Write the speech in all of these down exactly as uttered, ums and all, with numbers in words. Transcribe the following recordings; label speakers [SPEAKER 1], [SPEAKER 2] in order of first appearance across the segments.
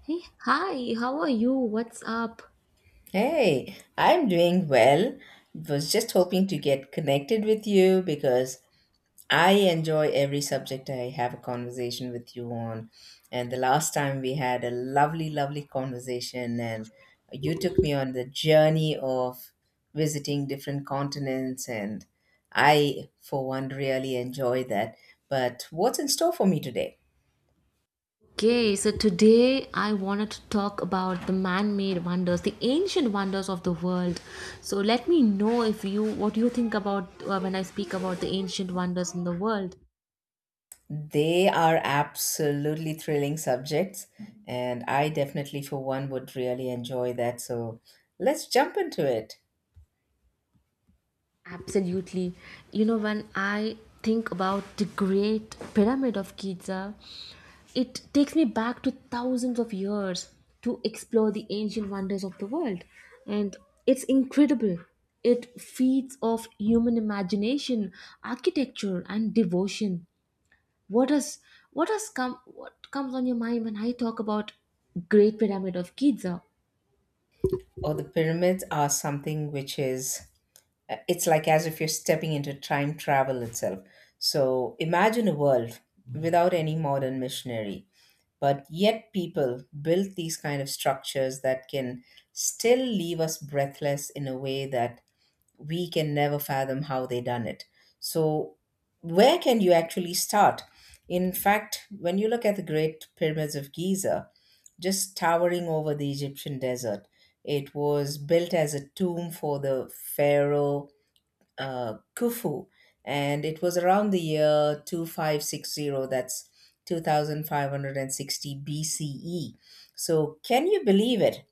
[SPEAKER 1] Hey, hi, how are you? What's up?
[SPEAKER 2] Hey, I'm doing well. Was just hoping to get connected with you because I enjoy every subject I have a conversation with you on. And the last time we had a lovely, lovely conversation, and you took me on the journey of visiting different continents, and I, for one, really enjoy that. But what's in store for me today?
[SPEAKER 1] Okay, so today I wanted to talk about the man-made wonders, the ancient wonders of the world. So let me know if you what you think about uh, when I speak about the ancient wonders in the world.
[SPEAKER 2] They are absolutely thrilling subjects, and I definitely, for one, would really enjoy that. So let's jump into it.
[SPEAKER 1] Absolutely. You know, when I think about the Great Pyramid of Giza, it takes me back to thousands of years to explore the ancient wonders of the world. And it's incredible. It feeds off human imagination, architecture, and devotion. What does what does come what comes on your mind when I talk about Great Pyramid of Giza?
[SPEAKER 2] Oh, the pyramids are something which is, uh, it's like as if you're stepping into time travel itself. So imagine a world without any modern machinery, but yet people built these kind of structures that can still leave us breathless in a way that we can never fathom how they done it. So where can you actually start? In fact, when you look at the great pyramids of Giza just towering over the Egyptian desert, it was built as a tomb for the pharaoh uh, Khufu, and it was around the year two thousand five hundred sixty, that's two thousand five hundred sixty B C E BCE. So can you believe it?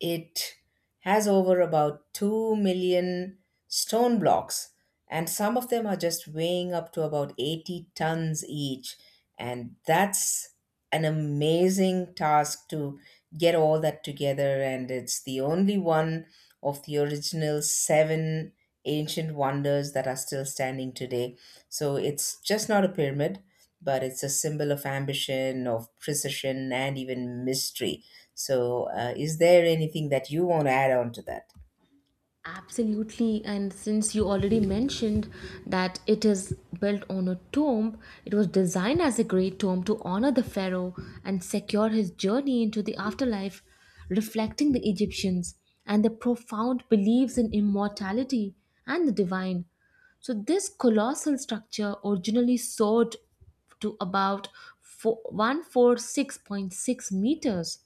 [SPEAKER 2] It has over about two million stone blocks, and some of them are just weighing up to about eighty tons each. And that's an amazing task to get all that together. And it's the only one of the original seven ancient wonders that are still standing today. So it's just not a pyramid, but it's a symbol of ambition, of precision, and even mystery. So, uh, is there anything that you want to add on to that?
[SPEAKER 1] Absolutely, and since you already mentioned that it is built on a tomb, it was designed as a great tomb to honor the pharaoh and secure his journey into the afterlife, reflecting the Egyptians and their profound beliefs in immortality and the divine. So this colossal structure originally soared to about fo- one hundred forty-six point six meters,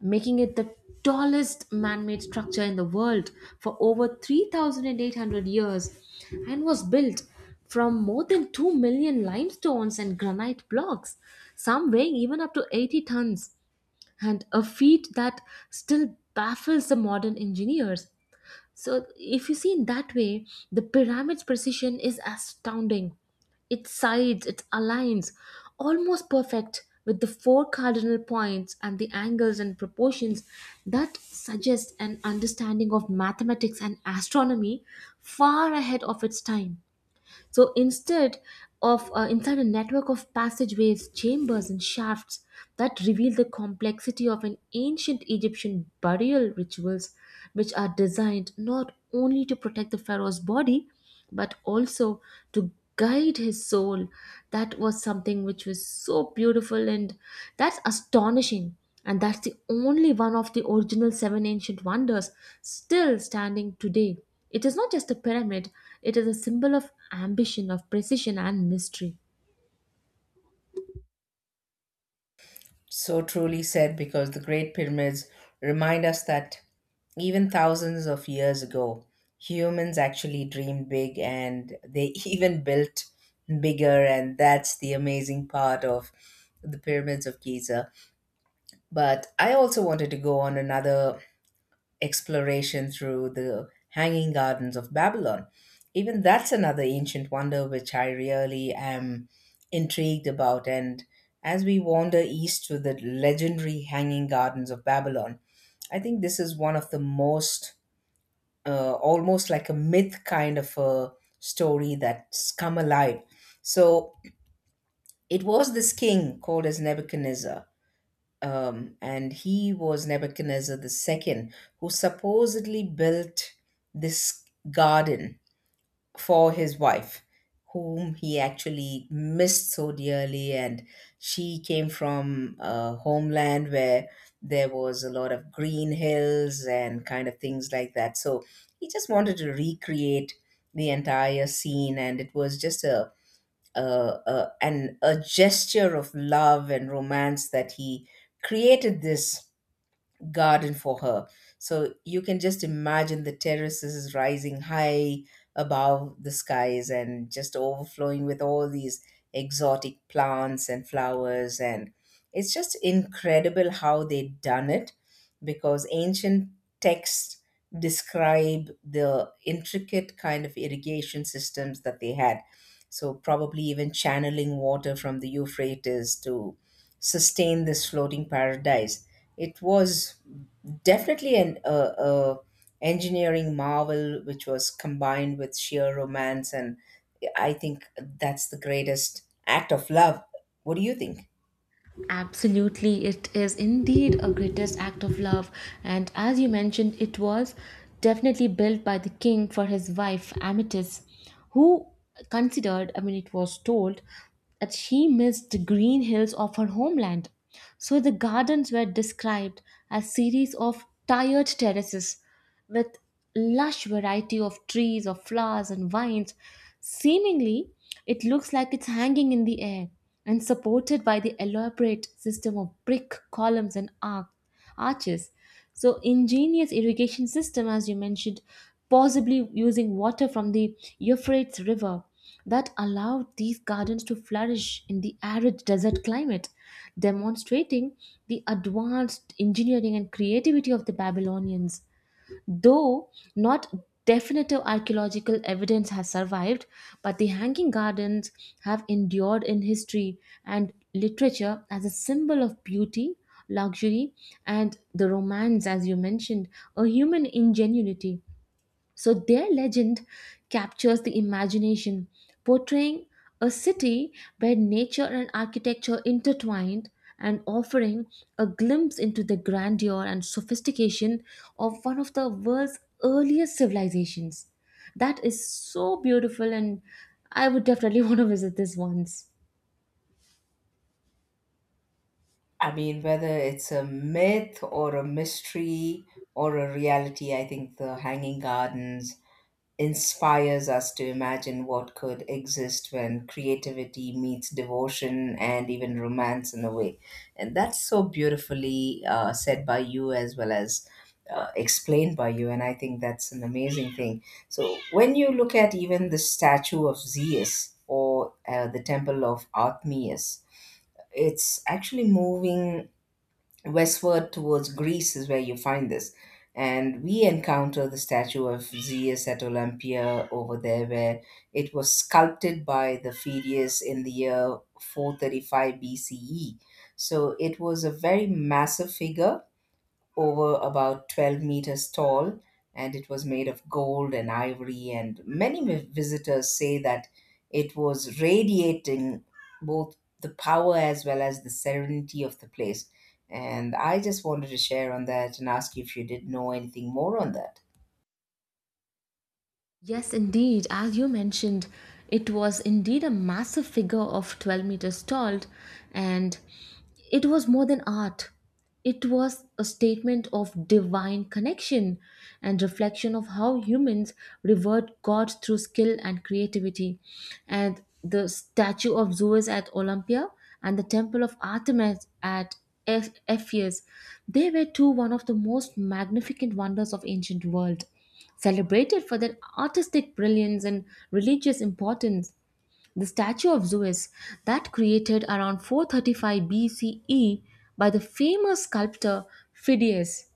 [SPEAKER 1] making it the tallest man-made structure in the world for over three thousand eight hundred years, and was built from more than two million limestones and granite blocks, some weighing even up to eighty tons, and a feat that still baffles the modern engineers. So, if you see in that way, the pyramid's precision is astounding. Its sides, it aligns almost perfect with the four cardinal points, and the angles and proportions that suggest an understanding of mathematics and astronomy far ahead of its time. So instead of uh, inside a network of passageways, chambers, and shafts that reveal the complexity of an ancient Egyptian burial rituals, which are designed not only to protect the pharaoh's body, but also to guide his soul. That was something which was so beautiful, and that's astonishing. And that's the only one of the original seven ancient wonders still standing today. It is not just a pyramid, it is a symbol of ambition, of precision, and mystery.
[SPEAKER 2] So truly said, because the Great Pyramids remind us that even thousands of years ago, humans actually dreamed big and they even built bigger, and that's the amazing part of the pyramids of Giza. But I also wanted to go on another exploration through the Hanging Gardens of Babylon. Even that's another ancient wonder which I really am intrigued about. And as we wander east to the legendary Hanging Gardens of Babylon, I think this is one of the most, uh, almost like a myth kind of a story that's come alive. So it was this king called as Nebuchadnezzar, um, and he was Nebuchadnezzar two, who supposedly built this garden for his wife, whom he actually missed so dearly. And she came from a homeland where there was a lot of green hills and kind of things like that. So he just wanted to recreate the entire scene, and it was just a uh, uh, and a gesture of love and romance that he created this garden for her. So you can just imagine the terraces rising high above the skies and just overflowing with all these exotic plants and flowers. And it's just incredible how they've done it because ancient texts describe the intricate kind of irrigation systems that they had. So, probably even channeling water from the Euphrates to sustain this floating paradise. It was definitely an uh, uh, engineering marvel which was combined with sheer romance, and I think that's the greatest act of love. What do you think?
[SPEAKER 1] Absolutely, it is indeed a greatest act of love, and as you mentioned, it was definitely built by the king for his wife Amethyst, who considered, I mean, it was told that she missed the green hills of her homeland. So the gardens were described as series of tired terraces with lush variety of trees of flowers and vines, seemingly it looks like it's hanging in the air and supported by the elaborate system of brick columns and arc- arches. So ingenious irrigation system, as you mentioned, possibly using water from the Euphrates river, that allowed these gardens to flourish in the arid desert climate, demonstrating the advanced engineering and creativity of the Babylonians. Though not definitive archaeological evidence has survived, but the hanging gardens have endured in history and literature as a symbol of beauty, luxury, and the romance, as you mentioned, a human ingenuity. So their legend captures the imagination, portraying a city where nature and architecture intertwined, and offering a glimpse into the grandeur and sophistication of one of the world's earliest civilizations. That is so beautiful, and I would definitely want to visit this once.
[SPEAKER 2] I mean, whether it's a myth or a mystery or a reality, I think the Hanging Gardens inspires us to imagine what could exist when creativity meets devotion and even romance in a way. And that's so beautifully uh, said by you as well as uh, explained by you. And I think that's an amazing thing. So when you look at even the statue of Zeus or uh, the temple of Artemis, it's actually moving westward towards Greece is where you find this. And we encounter the statue of Zeus at Olympia over there, where it was sculpted by the Phidias in the year four thirty-five B C E. So it was a very massive figure over about twelve meters tall, and it was made of gold and ivory. And many vi- visitors say that it was radiating both the power as well as the serenity of the place. And I just wanted to share on that and ask you if you did know anything more on that.
[SPEAKER 1] Yes, indeed. As you mentioned, it was indeed a massive figure of twelve meters tall, and it was more than art. It was a statement of divine connection and reflection of how humans revert God through skill and creativity. And the statue of Zeus at Olympia and the temple of Artemis at Eph- Ephesus, they were two one of the most magnificent wonders of ancient world. Celebrated for their artistic brilliance and religious importance, the statue of Zeus that created around four thirty-five B C E by the famous sculptor Phidias,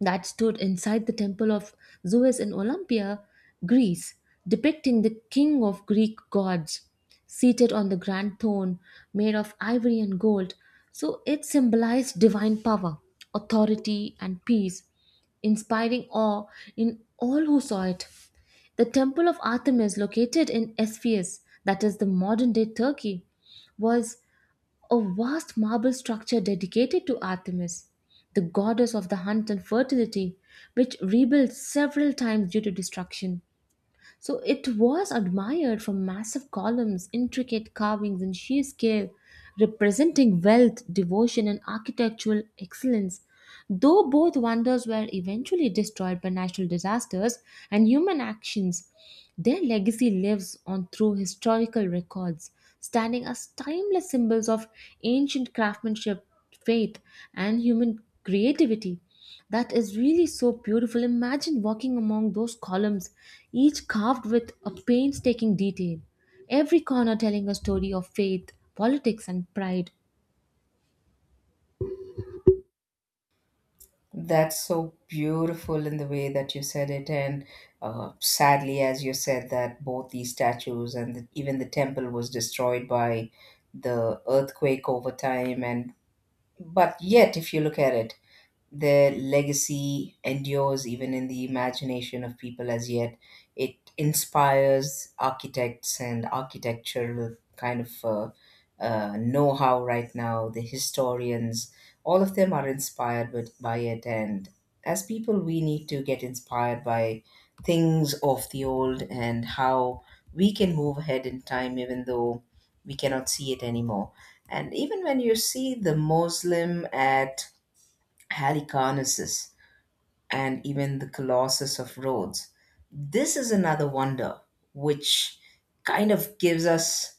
[SPEAKER 1] that stood inside the temple of Zeus in Olympia, Greece, depicting the king of Greek gods seated on the grand throne made of ivory and gold. So it symbolized divine power, authority, and peace, inspiring awe in all who saw it. The temple of Artemis, located in Ephesus, that is the modern day Turkey, was a vast marble structure dedicated to Artemis, the goddess of the hunt and fertility, which rebuilt several times due to destruction. So it was admired for massive columns, intricate carvings, and sheer scale, representing wealth, devotion, and architectural excellence. Though both wonders were eventually destroyed by natural disasters and human actions, their legacy lives on through historical records, standing as timeless symbols of ancient craftsmanship, faith, and human creativity. That is really so beautiful. Imagine walking among those columns, each carved with a painstaking detail, every corner telling a story of faith, politics, and pride.
[SPEAKER 2] That's so beautiful in the way that you said it, and uh, sadly, as you said, that both these statues and the, even the temple was destroyed by the earthquake over time, and but yet, if you look at it, their legacy endures even in the imagination of people as yet. It inspires architects and architectural kind of uh, uh, know how right now, the historians, all of them are inspired with, by it. And as people, we need to get inspired by things of the old and how we can move ahead in time, even though we cannot see it anymore. And even when you see the Muslim at Halicarnassus, and even the Colossus of Rhodes. This is another wonder, which kind of gives us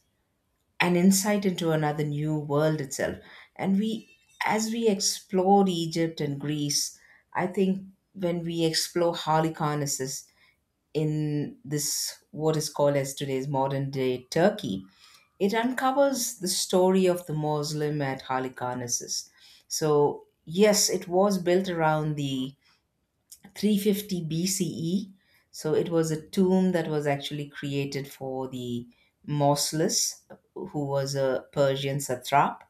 [SPEAKER 2] an insight into another new world itself. And we, as we explored Egypt and Greece, I think when we explore Halicarnassus in this, what is called as today's modern day Turkey, it uncovers the story of the Muslim at Halicarnassus. So, yes, it was built around the three fifty B C E. So it was a tomb that was actually created for the Mausolus, who was a Persian satrap,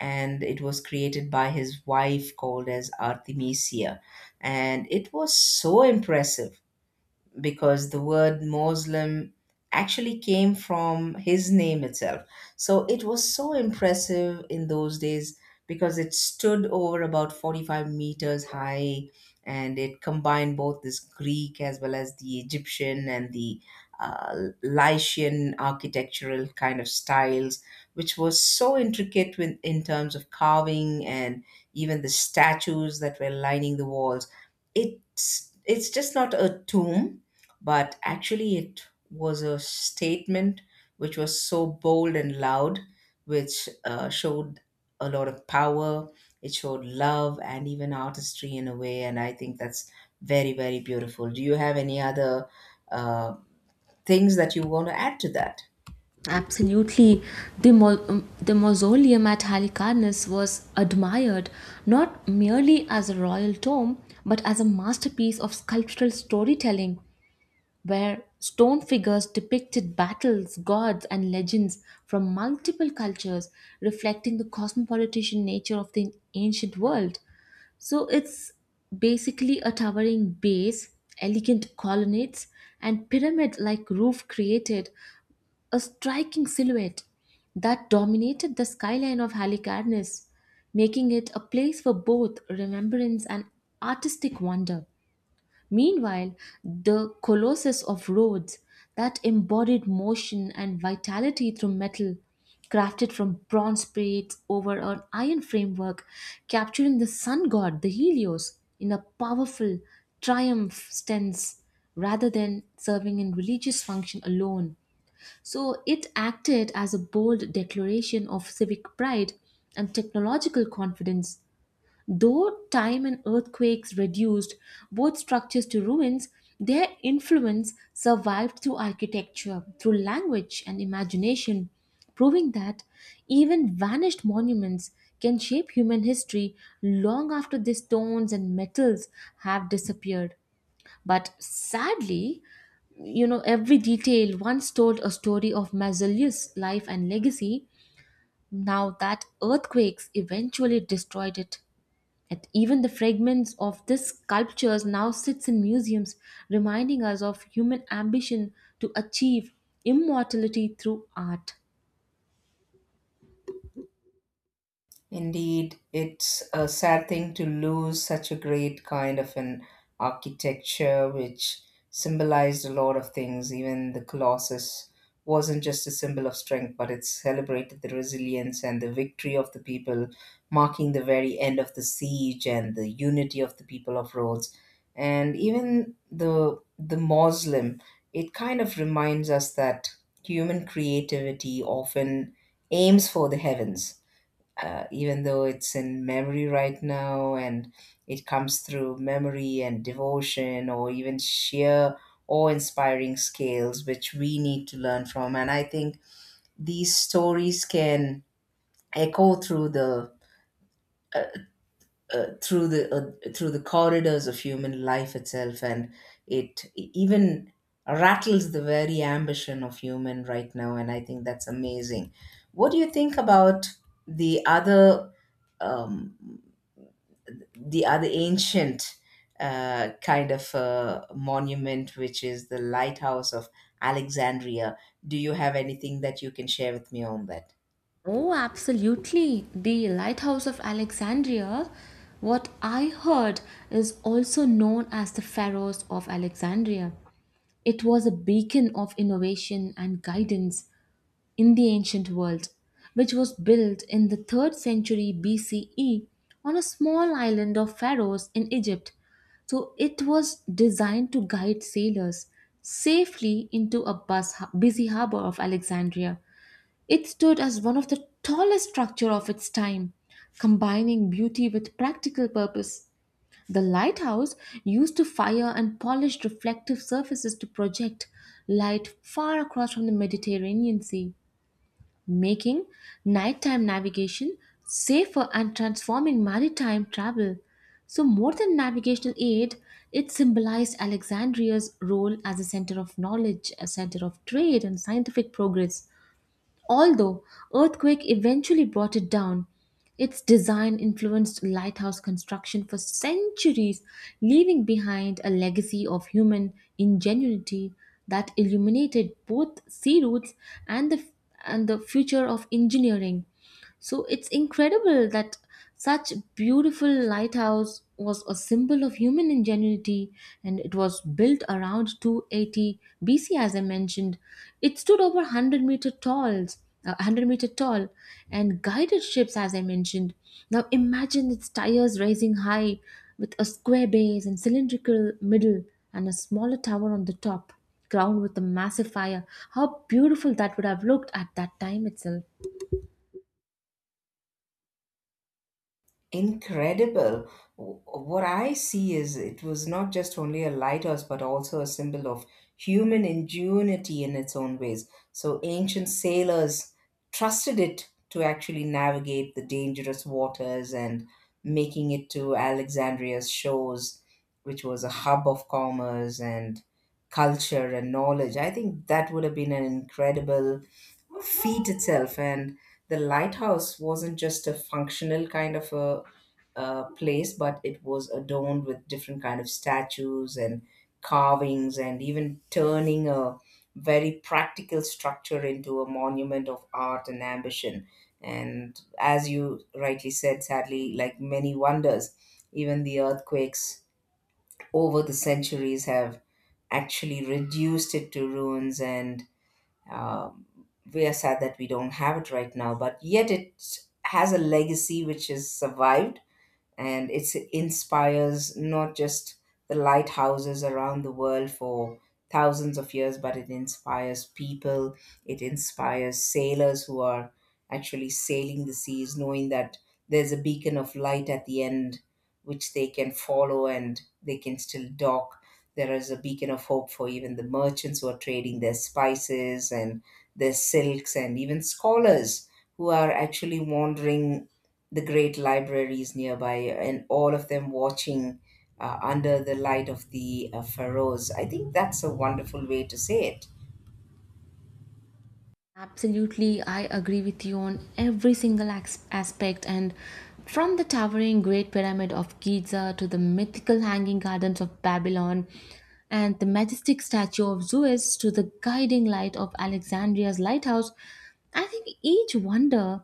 [SPEAKER 2] and it was created by his wife called as Artemisia. And it was so impressive because the word Muslim actually came from his name itself. So it was so impressive in those days because it stood over about forty-five meters high and it combined both this Greek as well as the Egyptian and the uh, Lycian architectural kind of styles, which was so intricate with, in terms of carving and even the statues that were lining the walls. It's it's just not a tomb but actually it was a statement which was so bold and loud, which uh, showed a lot of power. It showed love and even artistry in a way, and I think that's very, very beautiful. Do you have any other uh, things that you want to add to that?
[SPEAKER 1] Absolutely. The, mo- um, the mausoleum at Halicarnassus was admired not merely as a royal tomb, but as a masterpiece of sculptural storytelling, where stone figures depicted battles, gods, and legends from multiple cultures, reflecting the cosmopolitan nature of the ancient world. So it's basically a towering base, elegant colonnades, and pyramid like roof created a striking silhouette that dominated the skyline of Halicarnas, making it a place for both remembrance and artistic wonder. Meanwhile, the Colossus of Rhodes, that embodied motion and vitality through metal, crafted from bronze plates over an iron framework, capturing the sun god, the Helios, in a powerful triumph stance rather than serving in religious function alone. So it acted as a bold declaration of civic pride and technological confidence. Though time and earthquakes reduced both structures to ruins, their influence survived through architecture, through language, and imagination, proving that even vanished monuments can shape human history long after the stones and metals have disappeared. But sadly, you know, every detail once told a story of Marzelius' life and legacy. Now that earthquakes eventually destroyed it. And even the fragments of these sculptures now sits in museums, reminding us of human ambition to achieve immortality through art.
[SPEAKER 2] Indeed, it's a sad thing to lose such a great kind of an architecture which symbolized a lot of things. Even the Colossus wasn't just a symbol of strength, but it celebrated the resilience and the victory of the people, marking the very end of the siege and the unity of the people of Rhodes. And even the the Moslem, it kind of reminds us that human creativity often aims for the heavens, uh, even though it's in memory right now and it comes through memory and devotion or even sheer awe inspiring scales which we need to learn from. And I think these stories can echo through the uh, through the uh, through the corridors of human life itself and it even rattles the very ambition of human right now, and I think that's amazing. What do you think about the other, um, the other ancient uh, kind of uh, monument, which is the lighthouse of Alexandria. Do you have anything that you can share with me on that?
[SPEAKER 1] Oh, absolutely. The Lighthouse of Alexandria, what I heard, is also known as the Pharos of Alexandria. It was a beacon of innovation and guidance in the ancient world, which was built in the third century B C E on a small island of Pharos in Egypt. So it was designed to guide sailors safely into a bus, busy harbor of Alexandria. It stood as one of the tallest structure of its time, combining beauty with practical purpose. The lighthouse used to fire and polish reflective surfaces to project light far across from the Mediterranean Sea, making nighttime navigation safer and transforming maritime travel. So, more than navigational aid, it symbolized Alexandria's role as a center of knowledge, a center of trade, and scientific progress. Although earthquake eventually brought it down, its design influenced lighthouse construction for centuries, leaving behind a legacy of human ingenuity that illuminated both sea routes and the and the future of engineering. So it's incredible that such beautiful lighthouse was a symbol of human ingenuity, and it was built around two hundred eighty B C as I mentioned. It stood over one hundred meter tall, uh, one hundred meter tall, and guided ships as I mentioned. Now imagine its tires rising high with a square base and cylindrical middle and a smaller tower on the top crowned with a massive fire. How beautiful that would have looked at that time itself.
[SPEAKER 2] Incredible. W- What I see is it was not just only a lighthouse, but also a symbol of human ingenuity in its own ways. So ancient sailors trusted it to actually navigate the dangerous waters and making it to Alexandria's shores, which was a hub of commerce and culture and knowledge. I think that would have been an incredible feat itself, and the lighthouse wasn't just a functional kind of a, uh place but it was adorned with different kind of statues and carvings and even turning a very practical structure into a monument of art and ambition, and as you rightly said, sadly, like many wonders, even the earthquakes over the centuries have actually reduced it to ruins, and um, we are sad that we don't have it right now, but yet it has a legacy which has survived and it inspires not just the lighthouses around the world for thousands of years, but it inspires people, it inspires sailors who are actually sailing the seas, knowing that there's a beacon of light at the end which they can follow and they can still dock. There is a beacon of hope for even the merchants who are trading their spices and their silks, and even scholars who are actually wandering the great libraries nearby and all of them watching uh, under the light of the uh, pharaohs. I think that's a wonderful way to say it.
[SPEAKER 1] Absolutely, I agree with you on every single as- aspect. And from the towering Great Pyramid of Giza to the mythical Hanging Gardens of Babylon and the majestic statue of Zeus to the guiding light of Alexandria's lighthouse, I think each wonder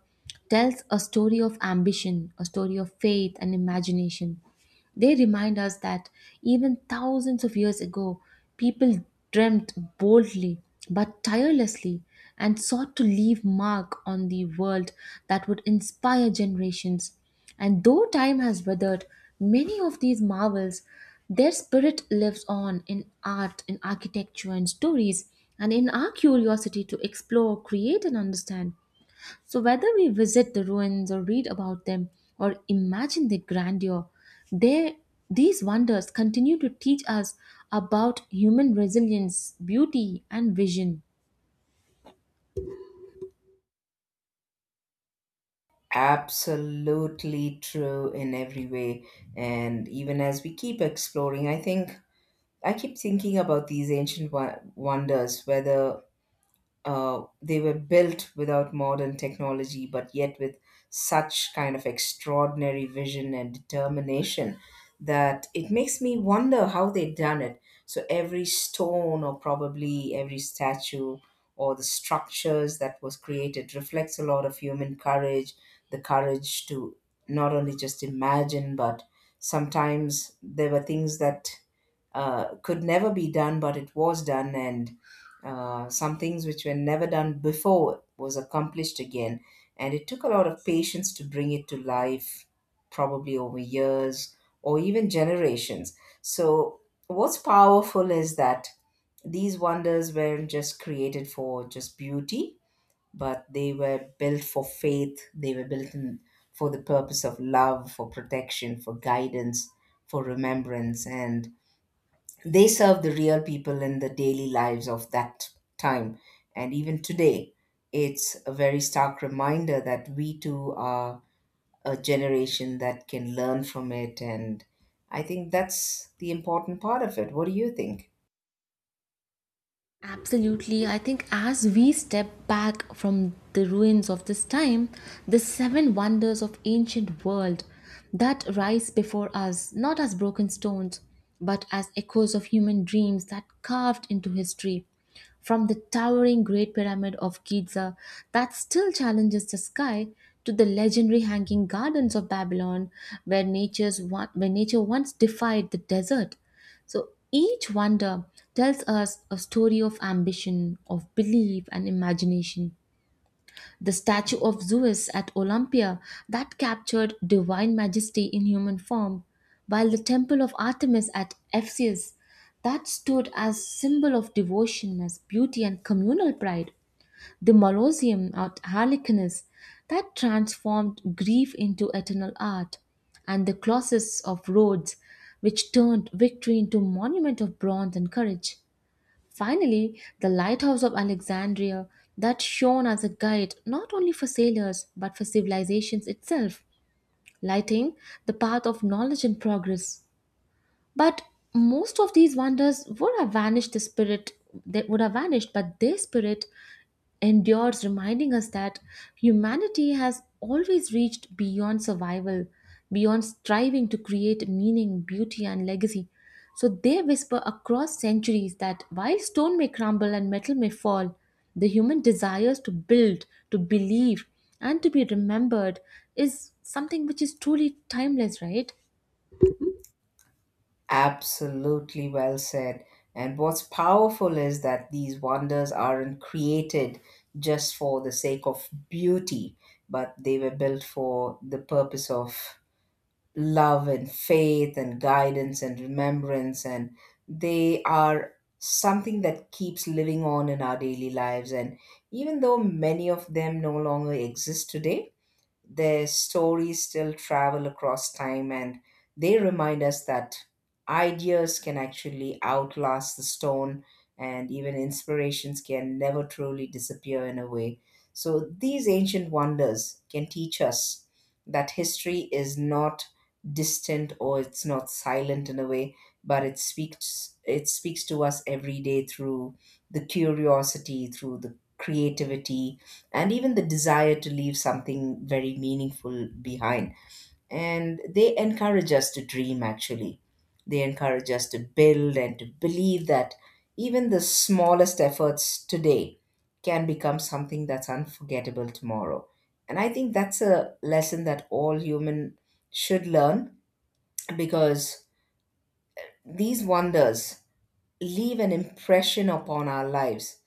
[SPEAKER 1] tells a story of ambition, a story of faith and imagination. They remind us that even thousands of years ago, people dreamt boldly but tirelessly and sought to leave mark on the world that would inspire generations. And though time has weathered many of these marvels, their spirit lives on in art, in architecture, and stories, and in our curiosity to explore, create, and understand. So, whether we visit the ruins or read about them or imagine their grandeur, they, these wonders continue to teach us about human resilience, beauty, and vision.
[SPEAKER 2] Absolutely true in every way. And even as we keep exploring, I think I keep thinking about these ancient wo- wonders, whether Uh, they were built without modern technology, but yet with such kind of extraordinary vision and determination that it makes me wonder how they done it. So every stone, or probably every statue, or the structures that was created reflects a lot of human courage, the courage to not only just imagine, but sometimes there were things that uh, could never be done, but it was done, and uh, some things which were never done before was accomplished again. And it took a lot of patience to bring it to life, probably over years or even generations. So, what's powerful is that these wonders weren't just created for just beauty, but they were built for faith, they were built in, for the purpose of love, for protection, for guidance, for remembrance. And they serve the real people in the daily lives of that time. And even today, it's a very stark reminder that we too are a generation that can learn from it. And I think that's the important part of it. What do you think?
[SPEAKER 1] Absolutely. I think as we step back from the ruins of this time, the seven wonders of ancient world that rise before us, not as broken stones, but as echoes of human dreams that carved into history. From the towering Great Pyramid of Giza that still challenges the sky to the legendary hanging gardens of Babylon where nature's, where nature once defied the desert. So each wonder tells us a story of ambition, of belief, and imagination. The statue of Zeus at Olympia that captured divine majesty in human form, while the temple of Artemis at Ephesus that stood as symbol of devotion, as beauty, and communal pride, the Molosseum at Halicarnassus that transformed grief into eternal art, and the Colossus of Rhodes, which turned victory into monument of bronze and courage. Finally, the lighthouse of Alexandria that shone as a guide not only for sailors but for civilizations itself, lighting the path of knowledge and progress. But most of these wonders would have vanished the spirit that would have vanished, but their spirit endures, reminding us that humanity has always reached beyond survival, beyond striving to create meaning, beauty, and legacy. So they whisper across centuries that while stone may crumble and metal may fall, the human desires to build, to believe, and to be remembered is something which is truly timeless, right?
[SPEAKER 2] Absolutely well said. And what's powerful is that these wonders aren't created just for the sake of beauty, but they were built for the purpose of love and faith and guidance and remembrance, and they are something that keeps living on in our daily lives. And even though many of them no longer exist today, their stories still travel across time, and they remind us that ideas can actually outlast the stone, and even inspirations can never truly disappear in a way. So these ancient wonders can teach us that history is not distant or it's not silent in a way, but it speaks it speaks to us every day through the curiosity, through the creativity, and even the desire to leave something very meaningful behind. And they encourage us to dream, actually. They encourage us to build and to believe that even the smallest efforts today can become something that's unforgettable tomorrow. And I think that's a lesson that all human should learn, because these wonders leave an impression upon our lives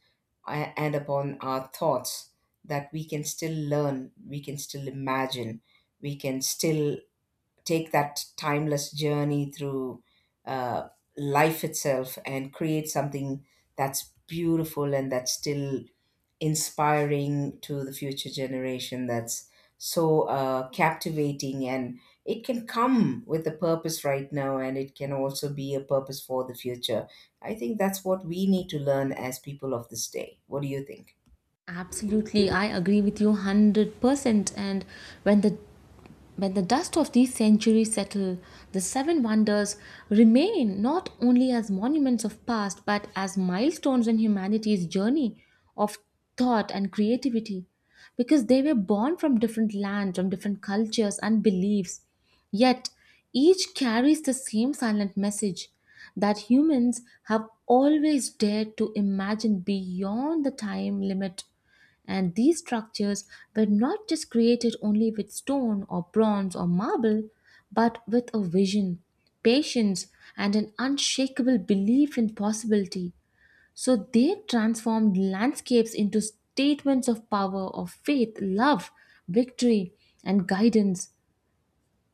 [SPEAKER 2] a- and upon our thoughts, that we can still learn, we can still imagine, we can still take that timeless journey through uh, life itself and create something that's beautiful and that's still inspiring to the future generation, that's so uh, captivating, and it can come with a purpose right now and it can also be a purpose for the future. I think that's what we need to learn as people of this day. What do you think?
[SPEAKER 1] Absolutely, I agree with you one hundred percent. And when the When the dust of these centuries settle, the seven wonders remain not only as monuments of past but as milestones in humanity's journey of thought and creativity, because they were born from different lands, from different cultures and beliefs. Yet each carries the same silent message that humans have always dared to imagine beyond the time limit, and these structures were not just created only with stone or bronze or marble, but with a vision, patience, and an unshakable belief in possibility. So they transformed landscapes into statements of power, of faith, love, victory, and guidance,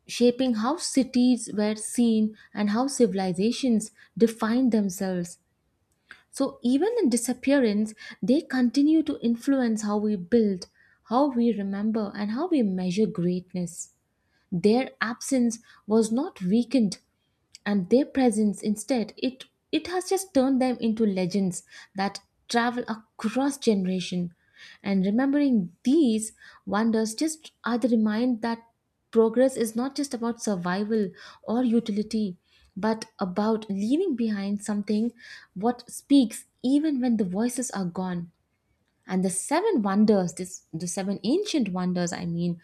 [SPEAKER 1] shaping how cities were seen and how civilizations defined themselves. So even in disappearance, they continue to influence how we build, how we remember, and how we measure greatness. Their absence was not weakened, and their presence instead, it it has just turned them into legends that travel across generation, and remembering these wonders just are the remind that progress is not just about survival or utility but about leaving behind something what speaks even when the voices are gone. And the seven wonders, this the seven ancient wonders, I mean,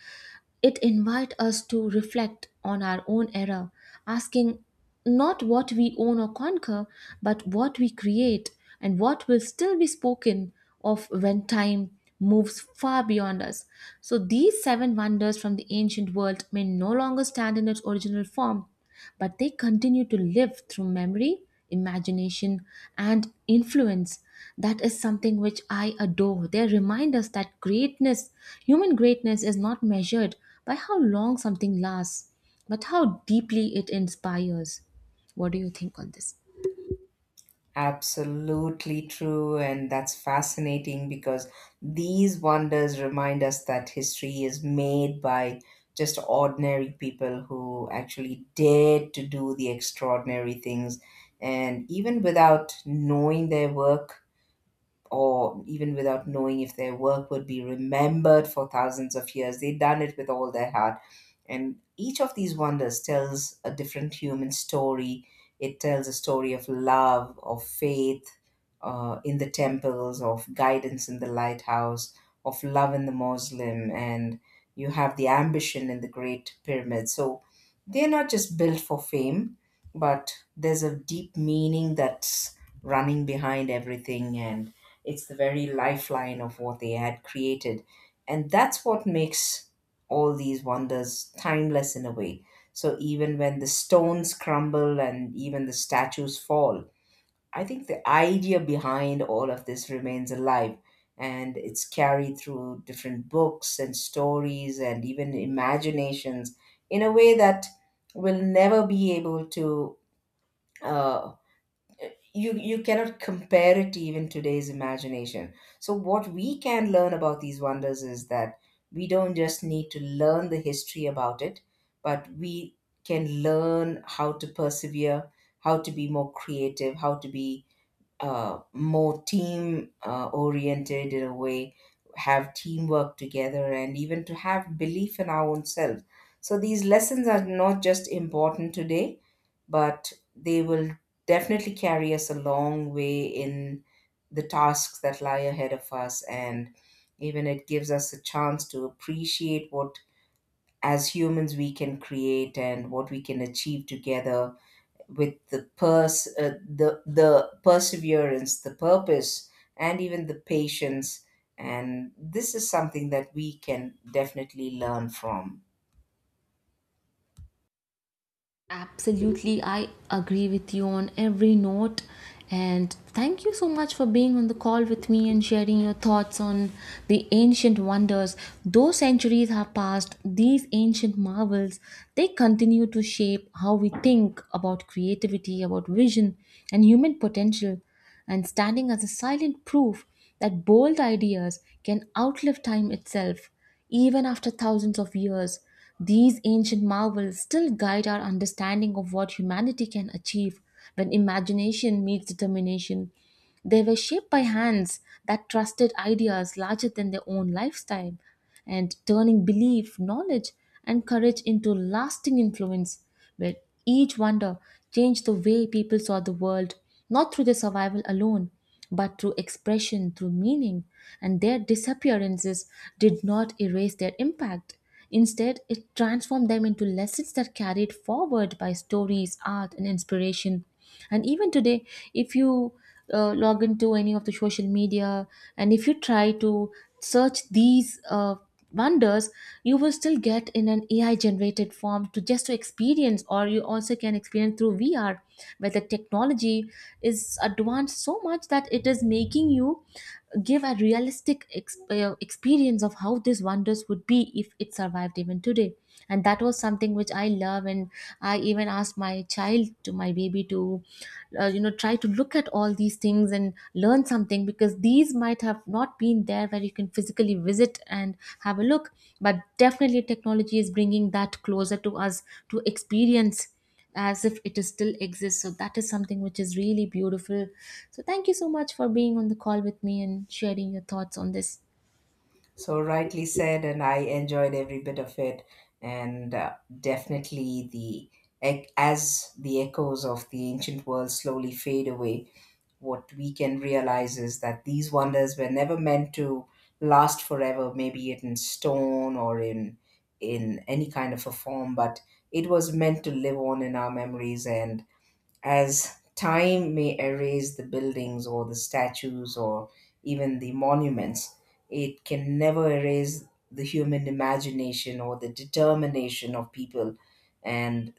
[SPEAKER 1] it invite us to reflect on our own era, asking not what we own or conquer, but what we create and what will still be spoken of when time moves far beyond us. So these seven wonders from the ancient world may no longer stand in its original form, but they continue to live through memory, imagination, and influence. That is something which I adore. They remind us that greatness, human greatness, is not measured by how long something lasts, but how deeply it inspires. What do you think on this?
[SPEAKER 2] Absolutely true, and that's fascinating because these wonders remind us that history is made by just ordinary people who actually dared to do the extraordinary things, and even without knowing their work, or even without knowing if their work would be remembered for thousands of years. They'd done it with all their heart. And each of these wonders tells a different human story. It tells a story of love, of faith uh, in the temples, of guidance in the lighthouse, of love in the Muslim, and you have the ambition in the Great Pyramid. So they're not just built for fame, but there's a deep meaning that's running behind everything, and it's the very lifeline of what they had created. And that's what makes all these wonders timeless in a way. So even when the stones crumble and even the statues fall, I think the idea behind all of this remains alive, and it's carried through different books and stories and even imaginations in a way that will never be able to uh, you you cannot compare it to even today's imagination. So what we can learn about these wonders is that we don't just need to learn the history about it, but we can learn how to persevere, how to be more creative, how to be uh, more team uh, oriented in a way, have teamwork together, and even to have belief in our own selves. So these lessons are not just important today, but they will definitely carry us a long way in the tasks that lie ahead of us, and even it gives us a chance to appreciate what as humans we can create and what we can achieve together with the pers- uh, the the perseverance, the purpose, and even the patience. And this is something that we can definitely learn from.
[SPEAKER 1] Absolutely, I agree with you on every note. And thank you so much for being on the call with me and sharing your thoughts on the ancient wonders. Though centuries have passed, these ancient marvels, they continue to shape how we think about creativity, about vision, and human potential, and standing as a silent proof that bold ideas can outlive time itself. Even after thousands of years, these ancient marvels still guide our understanding of what humanity can achieve when imagination meets determination. They were shaped by hands that trusted ideas larger than their own lifestyle, and turning belief, knowledge, and courage into lasting influence, where each wonder changed the way people saw the world, not through their survival alone, but through expression, through meaning. And their disappearances did not erase their impact. Instead, it transformed them into lessons that carried forward by stories, art, and inspiration. And even today, if you uh, log into any of the social media and if you try to search these uh, wonders, you will still get in an A I generated form to just to experience, or you also can experience through V R, where the technology is advanced so much that it is making you give a realistic ex- uh, experience of how how these wonders would be if it survived even today. And that was something which I love, and I even asked my child to my baby to uh, you know try to look at all these things and learn something, because these might have not been there where you can physically visit and have a look, but definitely technology is bringing that closer to us, to experience as if it is still exists. So that is something which is really beautiful. So thank you so much for being on the call with me and sharing your thoughts on this.
[SPEAKER 2] So rightly said, and I enjoyed every bit of it. And uh, definitely, the ec- as the echoes of the ancient world slowly fade away, what we can realize is that these wonders were never meant to last forever, maybe it in stone or in in any kind of a form, but it was meant to live on in our memories. And as time may erase the buildings or the statues or even the monuments, it can never erase the human imagination or the determination of people, and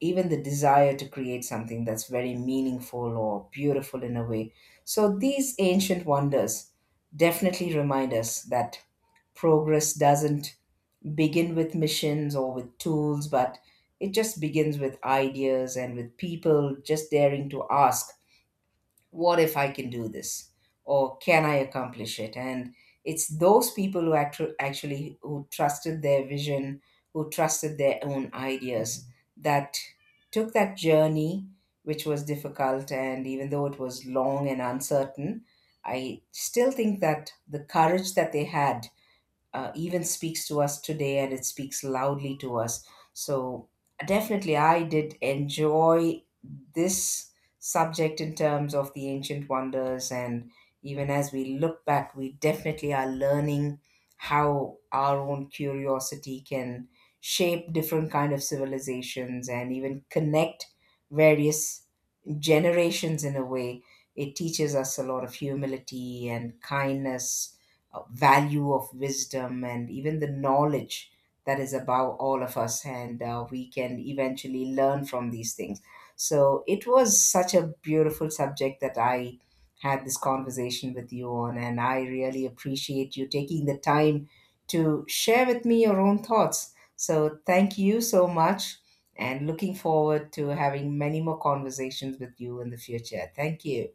[SPEAKER 2] even the desire to create something that's very meaningful or beautiful in a way. So these ancient wonders definitely remind us that progress doesn't begin with missions or with tools, but it just begins with ideas and with people just daring to ask, what if I can do this? Or can I accomplish it? And it's those people who actu- actually who trusted their vision, who trusted their own ideas, that took that journey, which was difficult, and even though it was long and uncertain, I still think that the courage that they had uh, even speaks to us today, and it speaks loudly to us. So, definitely, I did enjoy this subject in terms of the ancient wonders. And even as we look back, we definitely are learning how our own curiosity can shape different kind of civilizations and even connect various generations in a way. It teaches us a lot of humility and kindness, uh, value of wisdom, and even the knowledge that is above all of us. And uh, we can eventually learn from these things. So it was such a beautiful subject that I had this conversation with you on. And I really appreciate you taking the time to share with me your own thoughts. So thank you so much, and looking forward to having many more conversations with you in the future. Thank you.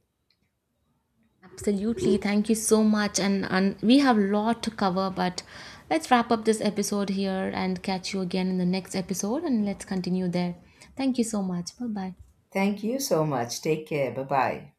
[SPEAKER 1] Absolutely. Thank you so much. And, and we have a lot to cover, but let's wrap up this episode here and catch you again in the next episode and let's continue there. Thank you so much. Bye bye.
[SPEAKER 2] Thank you so much. Take care. Bye bye.